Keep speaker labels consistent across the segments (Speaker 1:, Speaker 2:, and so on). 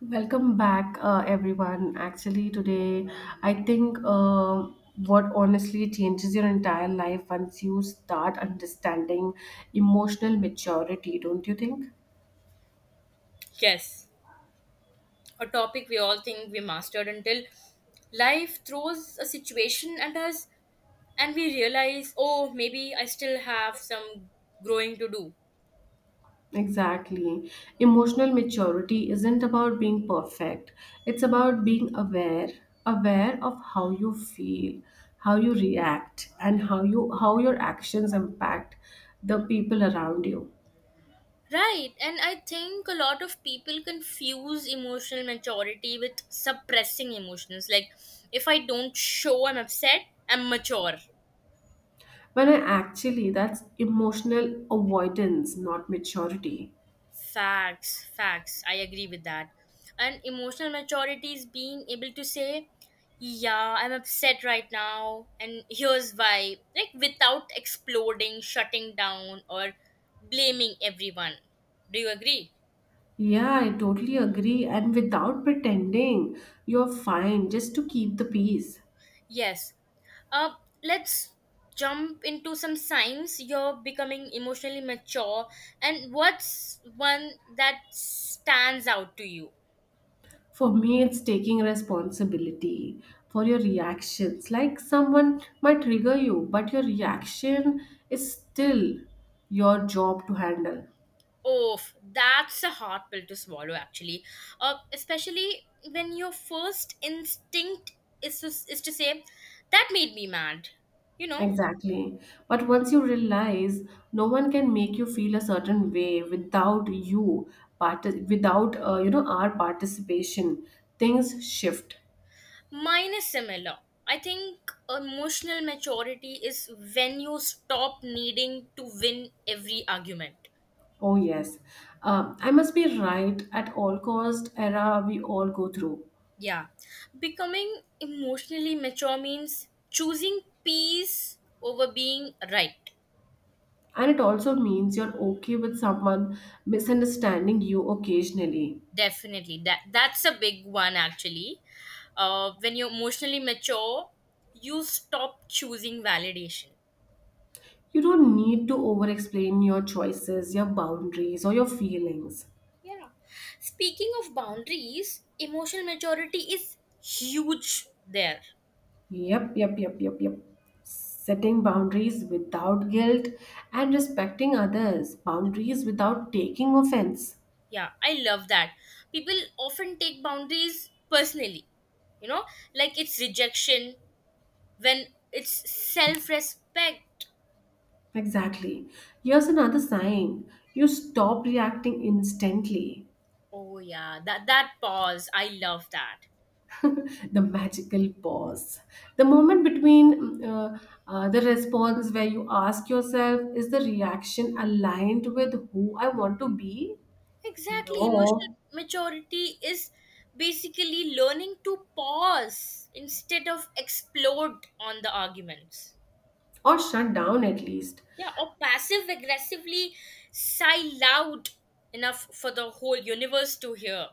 Speaker 1: Welcome back, everyone. Actually, today I think what honestly changes your entire life once you start understanding emotional maturity, don't you think?
Speaker 2: Yes, a topic we all think we mastered until life throws a situation at us and we realize, oh, maybe I still have some growing to do.
Speaker 1: Exactly. Emotional maturity isn't about being perfect, it's about being aware, aware of how you feel, how you react, and how your actions impact the people around you.
Speaker 2: Right, and I think a lot of people confuse emotional maturity with suppressing emotions. Like, if I don't show I'm upset, I'm mature.
Speaker 1: When I actually, that's emotional avoidance, not maturity.
Speaker 2: Facts, facts. I agree with that. And emotional maturity is being able to say, yeah, I'm upset right now, and here's why. Like, without exploding, shutting down, or blaming everyone. Do you agree?
Speaker 1: Yeah, I totally agree. And without pretending, you're fine just to keep the peace.
Speaker 2: Yes. Uh, let's jump into some signs you're becoming emotionally mature, and what's one that stands out to you?
Speaker 1: For me, it's taking responsibility for your reactions. Like someone might trigger you, but your reaction is still your job to handle.
Speaker 2: Oh, that's a hard pill to swallow, actually. Especially when your first instinct is to say, that made me mad. You know,
Speaker 1: Exactly. But once you realize no one can make you feel a certain way without you, without our participation, things shift.
Speaker 2: mine is similar. I think emotional maturity is when you stop needing to win every argument.
Speaker 1: Oh yes, I must be right at all cost era we all go through,
Speaker 2: Yeah. Becoming emotionally mature means choosing peace over being right.
Speaker 1: and it also means you're okay with someone misunderstanding you occasionally.
Speaker 2: Definitely. That's a big one actually. When you're emotionally mature, you stop choosing validation.
Speaker 1: You don't need to over explain your choices, your boundaries, or your feelings.
Speaker 2: Yeah. Speaking of boundaries, emotional maturity is huge there.
Speaker 1: Yep. Setting boundaries without guilt and respecting others. Boundaries without taking offense.
Speaker 2: Yeah, I love that. People often take boundaries personally. You know, like it's rejection when it's self-respect.
Speaker 1: Exactly. Here's another sign you stop reacting instantly.
Speaker 2: Oh yeah, that pause, I love that.
Speaker 1: The magical pause. The moment between the response where you ask yourself, is the reaction aligned with who I want to be?
Speaker 2: Exactly. Emotional
Speaker 1: No.
Speaker 2: maturity is basically learning to pause instead of explode on the arguments.
Speaker 1: Or shut down at least.
Speaker 2: Yeah, or passive aggressively sigh loud enough for the whole universe to hear.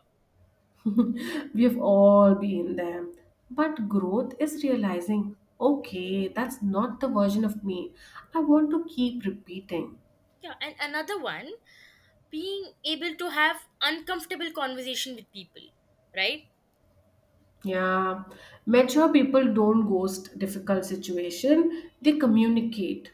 Speaker 1: We've all been there. But growth is realizing, okay, that's not the version of me I want to keep repeating.
Speaker 2: Yeah, and another one, being able to have uncomfortable conversation with people, right?
Speaker 1: Yeah, mature people don't ghost difficult situation, they communicate.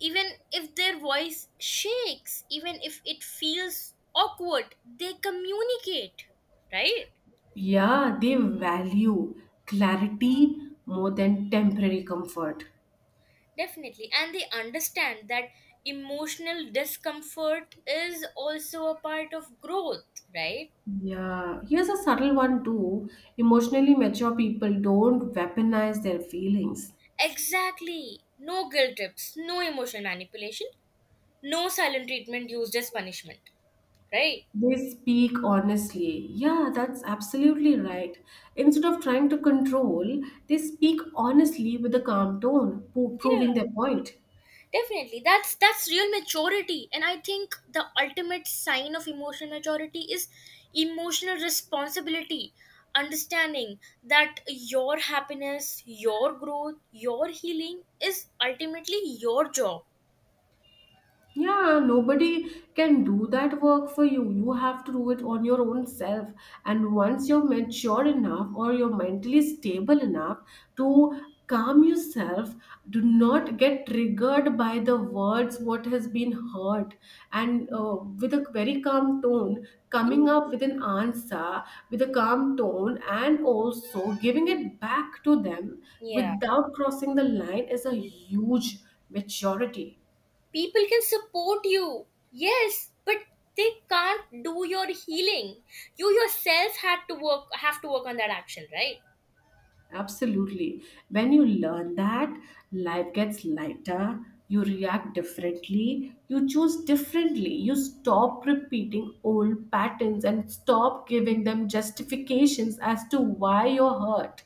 Speaker 2: Even if their voice shakes, even if it feels awkward, they communicate, right?
Speaker 1: Yeah, they value clarity more than temporary comfort.
Speaker 2: Definitely. And they understand that emotional discomfort is also a part of growth, right?
Speaker 1: Yeah, here's a subtle one too. Emotionally mature people don't weaponize their feelings.
Speaker 2: Exactly. No guilt trips, no emotional manipulation, no silent treatment used as punishment, right?
Speaker 1: They speak honestly. Yeah, that's absolutely right. Instead of trying to control, they speak honestly with a calm tone,
Speaker 2: Yeah.
Speaker 1: proving their point.
Speaker 2: Definitely, that's real maturity, and I think the ultimate sign of emotional maturity is emotional responsibility. Understanding that your happiness, your growth, your healing is ultimately your job.
Speaker 1: Yeah, nobody can do that work for you. You have to do it on your own self. And once you're mature enough or you're mentally stable enough to calm yourself, do not get triggered by the words what has been heard. And with a very calm tone, coming up with an answer with a calm tone and also giving it back to them
Speaker 2: Yeah.
Speaker 1: without crossing the line is a huge maturity.
Speaker 2: People can support you, yes, but they can't do your healing. You yourself had to work have to work on that action, right?
Speaker 1: Absolutely. When you learn that, life gets lighter, you react differently, you choose differently, you stop repeating old patterns and stop giving them justifications as to why you're hurt.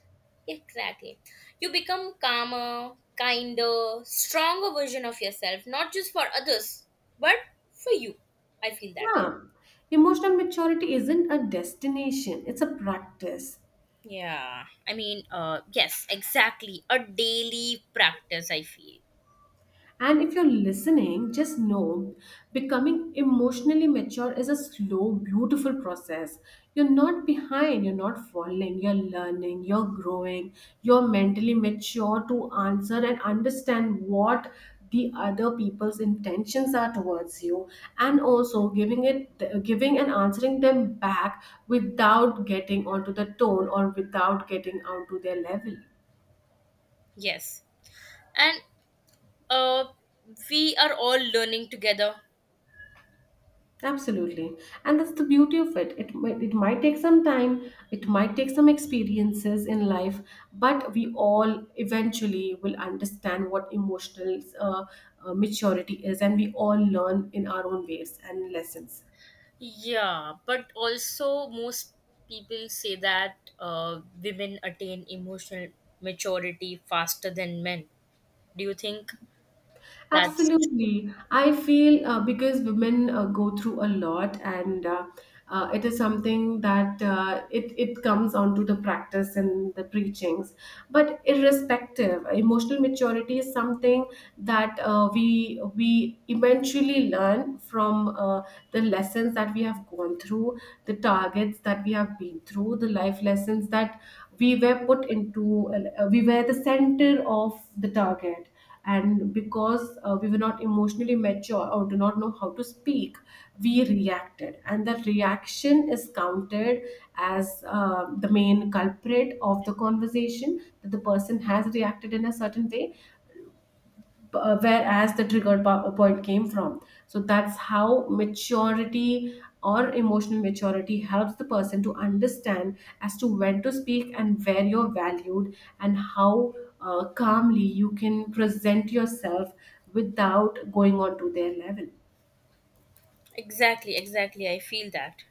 Speaker 2: Exactly. You become calmer, kinder, stronger version of yourself, not just for others, but for you. I feel that way.
Speaker 1: Yeah. Emotional maturity isn't a destination, it's a practice.
Speaker 2: Yeah. I mean, yes, exactly. A daily practice, I feel.
Speaker 1: And if you're listening, just know becoming emotionally mature is a slow, beautiful process. You're not behind, you're not falling, you're learning, you're growing, you're mentally mature to answer and understand what the other people's intentions are towards you and also giving and answering them back without getting onto the tone or without getting onto their level.
Speaker 2: Yes. And uh we are all learning together.
Speaker 1: Absolutely. And that's the beauty of it. It might take some time, it might take some experiences in life, but we all eventually will understand what emotional maturity is, and we all learn in our own ways and lessons.
Speaker 2: Yeah, but also most people say that women attain emotional maturity faster than men. Do you think that's...
Speaker 1: Absolutely. I feel because women go through a lot and it is something that it comes onto the practice and the preachings. But irrespective, emotional maturity is something that we eventually learn from the lessons that we have gone through, the targets that we have been through, the life lessons that we were put into, we were the center of the target, and because we were not emotionally mature or do not know how to speak, we reacted, and that reaction is counted as the main culprit of the conversation that the person has reacted in a certain way, whereas the trigger point came from. So that's how maturity or emotional maturity helps the person to understand as to when to speak and where you're valued and how calmly you can present yourself without going on to their level.
Speaker 2: Exactly, exactly. I feel that.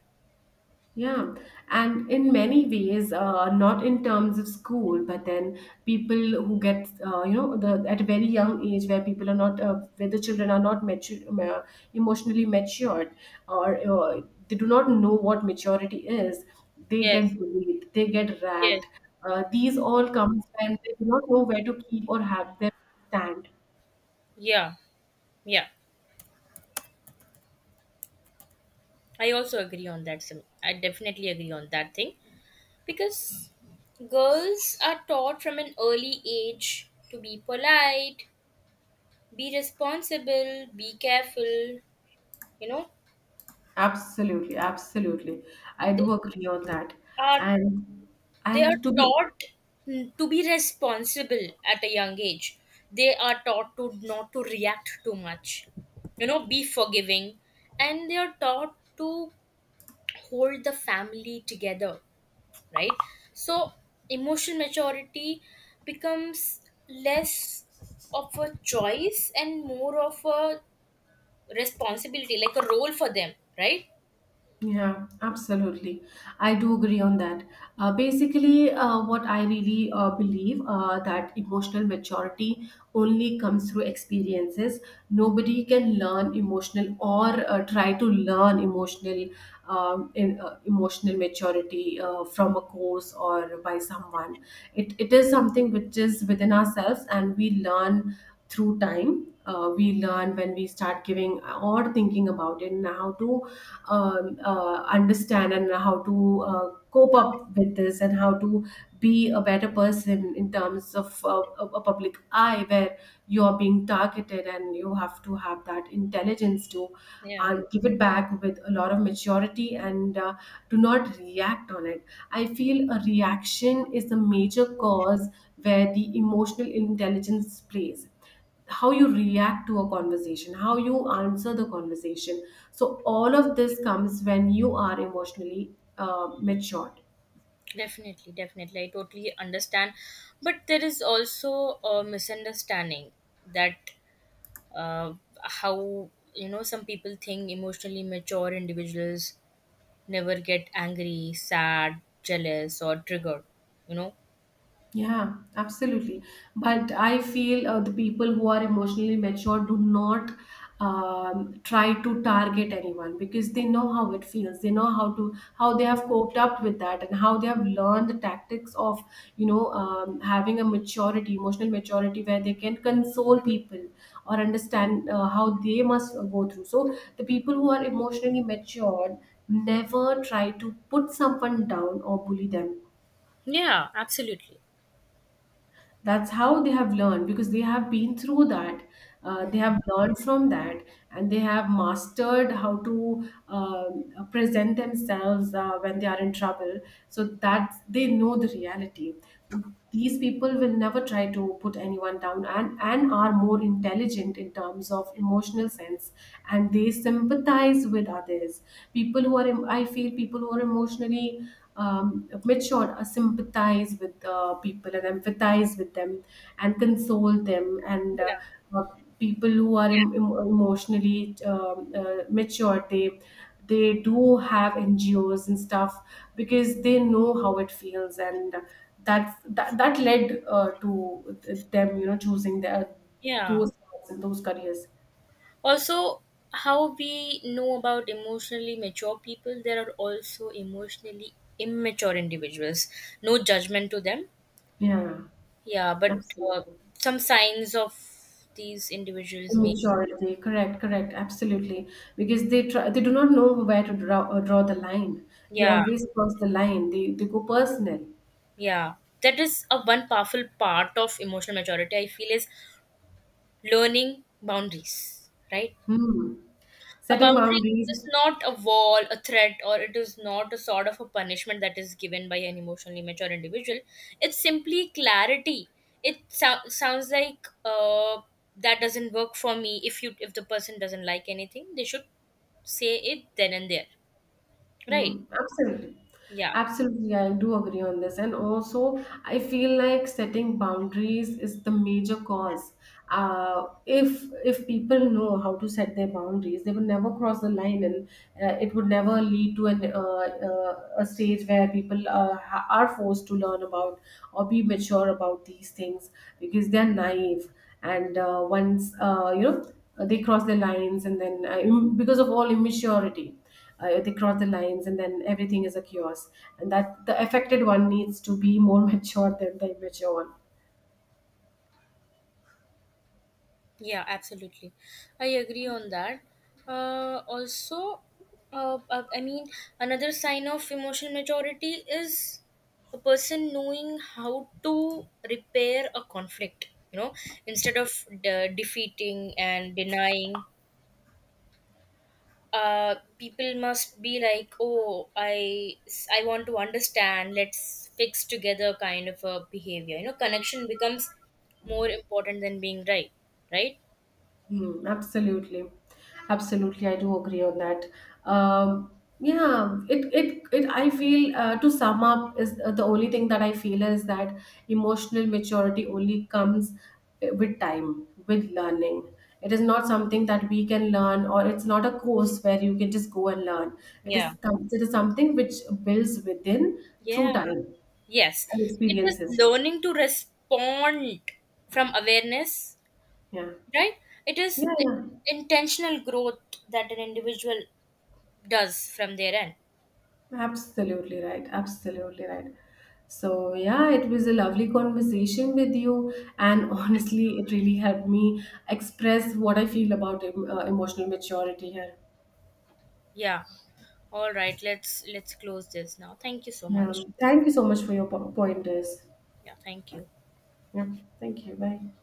Speaker 1: Yeah, and in many ways, not in terms of school, but then people who get, the at a very young age where people are not, where the children are not mature, emotionally matured, or they do not know what maturity is, they get
Speaker 2: Yes,
Speaker 1: bullied, they get
Speaker 2: yes,
Speaker 1: ragged. These all comes when they do not know where to keep or have their stand.
Speaker 2: yeah, yeah. I also agree on that. Sim. I definitely agree on that thing because girls are taught from an early age to be polite, be responsible, be careful. You know,
Speaker 1: Absolutely, absolutely, I do
Speaker 2: they
Speaker 1: agree on that,
Speaker 2: are
Speaker 1: and
Speaker 2: they are
Speaker 1: and to be.
Speaker 2: taught to be responsible at a young age. They are taught to not to react too much, you know, be forgiving, and they are taught to hold the family together, right? So emotional maturity becomes less of a choice and more of a responsibility, like a role for them, right?
Speaker 1: Yeah, absolutely. I do agree on that. Basically, what I really believe that emotional maturity only comes through experiences. Nobody can learn emotional or try to learn emotional emotional maturity from a course or by someone. It is something which is within ourselves, and we learn through time. We learn when we start giving or thinking about it and how to understand and how to cope up with this and how to be a better person in terms of a public eye where you are being targeted and you have to have that intelligence to
Speaker 2: Yeah.
Speaker 1: give it back with a lot of maturity and do not react on it. I feel a reaction is the major cause where the emotional intelligence plays how you react to a conversation, how you answer the conversation. So all of this comes when you are emotionally mature.
Speaker 2: Definitely, I totally understand, but there is also a misunderstanding that, uh, how, you know, some people think emotionally mature individuals never get angry, sad, jealous, or triggered, you know.
Speaker 1: Yeah, absolutely. But I feel the people who are emotionally mature do not try to target anyone because they know how it feels. They know how they have coped up with that and how they have learned the tactics of having a maturity, emotional maturity, where they can console people or understand how they must go through. So the people who are emotionally matured never try to put someone down or bully them.
Speaker 2: Yeah, absolutely.
Speaker 1: That's how they have learned, because they have been through that. Uh, they have learned from that, and they have mastered how to present themselves when they are in trouble, so that they know the reality. These people will never try to put anyone down, and are more intelligent in terms of emotional sense, and they sympathize with others. People who are emotionally which on sympathize with people and empathize with them and console them and
Speaker 2: Yeah.
Speaker 1: uh, people who are emotionally mature, they do have ngos and stuff, because they know how it feels, and that led to them, you know, choosing their
Speaker 2: Yeah.
Speaker 1: those paths and those careers.
Speaker 2: Also, how we know about emotionally mature people, there are also emotionally immature individuals. No judgment to them.
Speaker 1: Yeah,
Speaker 2: Yeah, but uh,
Speaker 1: absolutely.
Speaker 2: some signs of these individuals may.
Speaker 1: Immaturity, correct, correct, absolutely. Because they try, they do not know where to draw, draw the line. They
Speaker 2: Yeah,
Speaker 1: always cross the line. They go personal.
Speaker 2: yeah. That is a one powerful part of emotional maturity, I feel, is learning boundaries, right?
Speaker 1: Hmm.
Speaker 2: A
Speaker 1: Setting
Speaker 2: boundary
Speaker 1: boundaries.
Speaker 2: is not a wall, a threat, or it is not a sort of a punishment that is given by an emotionally mature individual. It's simply clarity. It sounds like, that doesn't work for me. If you... if the person doesn't like anything, they should say it then and there. Right?
Speaker 1: Mm, absolutely.
Speaker 2: Yeah.
Speaker 1: Absolutely, I do agree on this. And also, I feel like setting boundaries is the major cause. If people know how to set their boundaries, they will never cross the line, and it would never lead to an a stage where people are forced to learn about or be mature about these things, because they're naive. And once you know, they cross their lines, and then because of all immaturity, they cross the lines, and then everything is a chaos, and that the affected one needs to be more mature than the immature one.
Speaker 2: Yeah, absolutely. I agree on that. Also, I mean, another sign of emotional maturity is a person knowing how to repair a conflict, you know, instead of defeating and denying. People must be like, oh, I want to understand, let's fix together kind of a behavior. You know, connection becomes more important than being right, right?
Speaker 1: Hmm, absolutely, absolutely. I do agree on that. Um, yeah, it, it, it. I feel to sum up is the only thing that I feel is that emotional maturity only comes with time, with learning. It is not something that we can learn, or it's not a course where you can just go and learn. It
Speaker 2: Yeah.
Speaker 1: is some- it is something which builds within through
Speaker 2: Yeah.
Speaker 1: time
Speaker 2: Yes.
Speaker 1: and
Speaker 2: It is
Speaker 1: experiences.
Speaker 2: learning to respond from awareness,
Speaker 1: Yeah,
Speaker 2: right? It is
Speaker 1: yeah.
Speaker 2: intentional growth that an individual does from their end.
Speaker 1: Absolutely right. Absolutely right. So, yeah, it was a lovely conversation with you. And honestly, it really helped me express what I feel about emotional maturity here.
Speaker 2: Yeah. All right. Let's close this now. Thank you so
Speaker 1: Yeah.
Speaker 2: much.
Speaker 1: Thank you so much for your pointers.
Speaker 2: Yeah, thank you.
Speaker 1: Yeah. Thank you. Bye.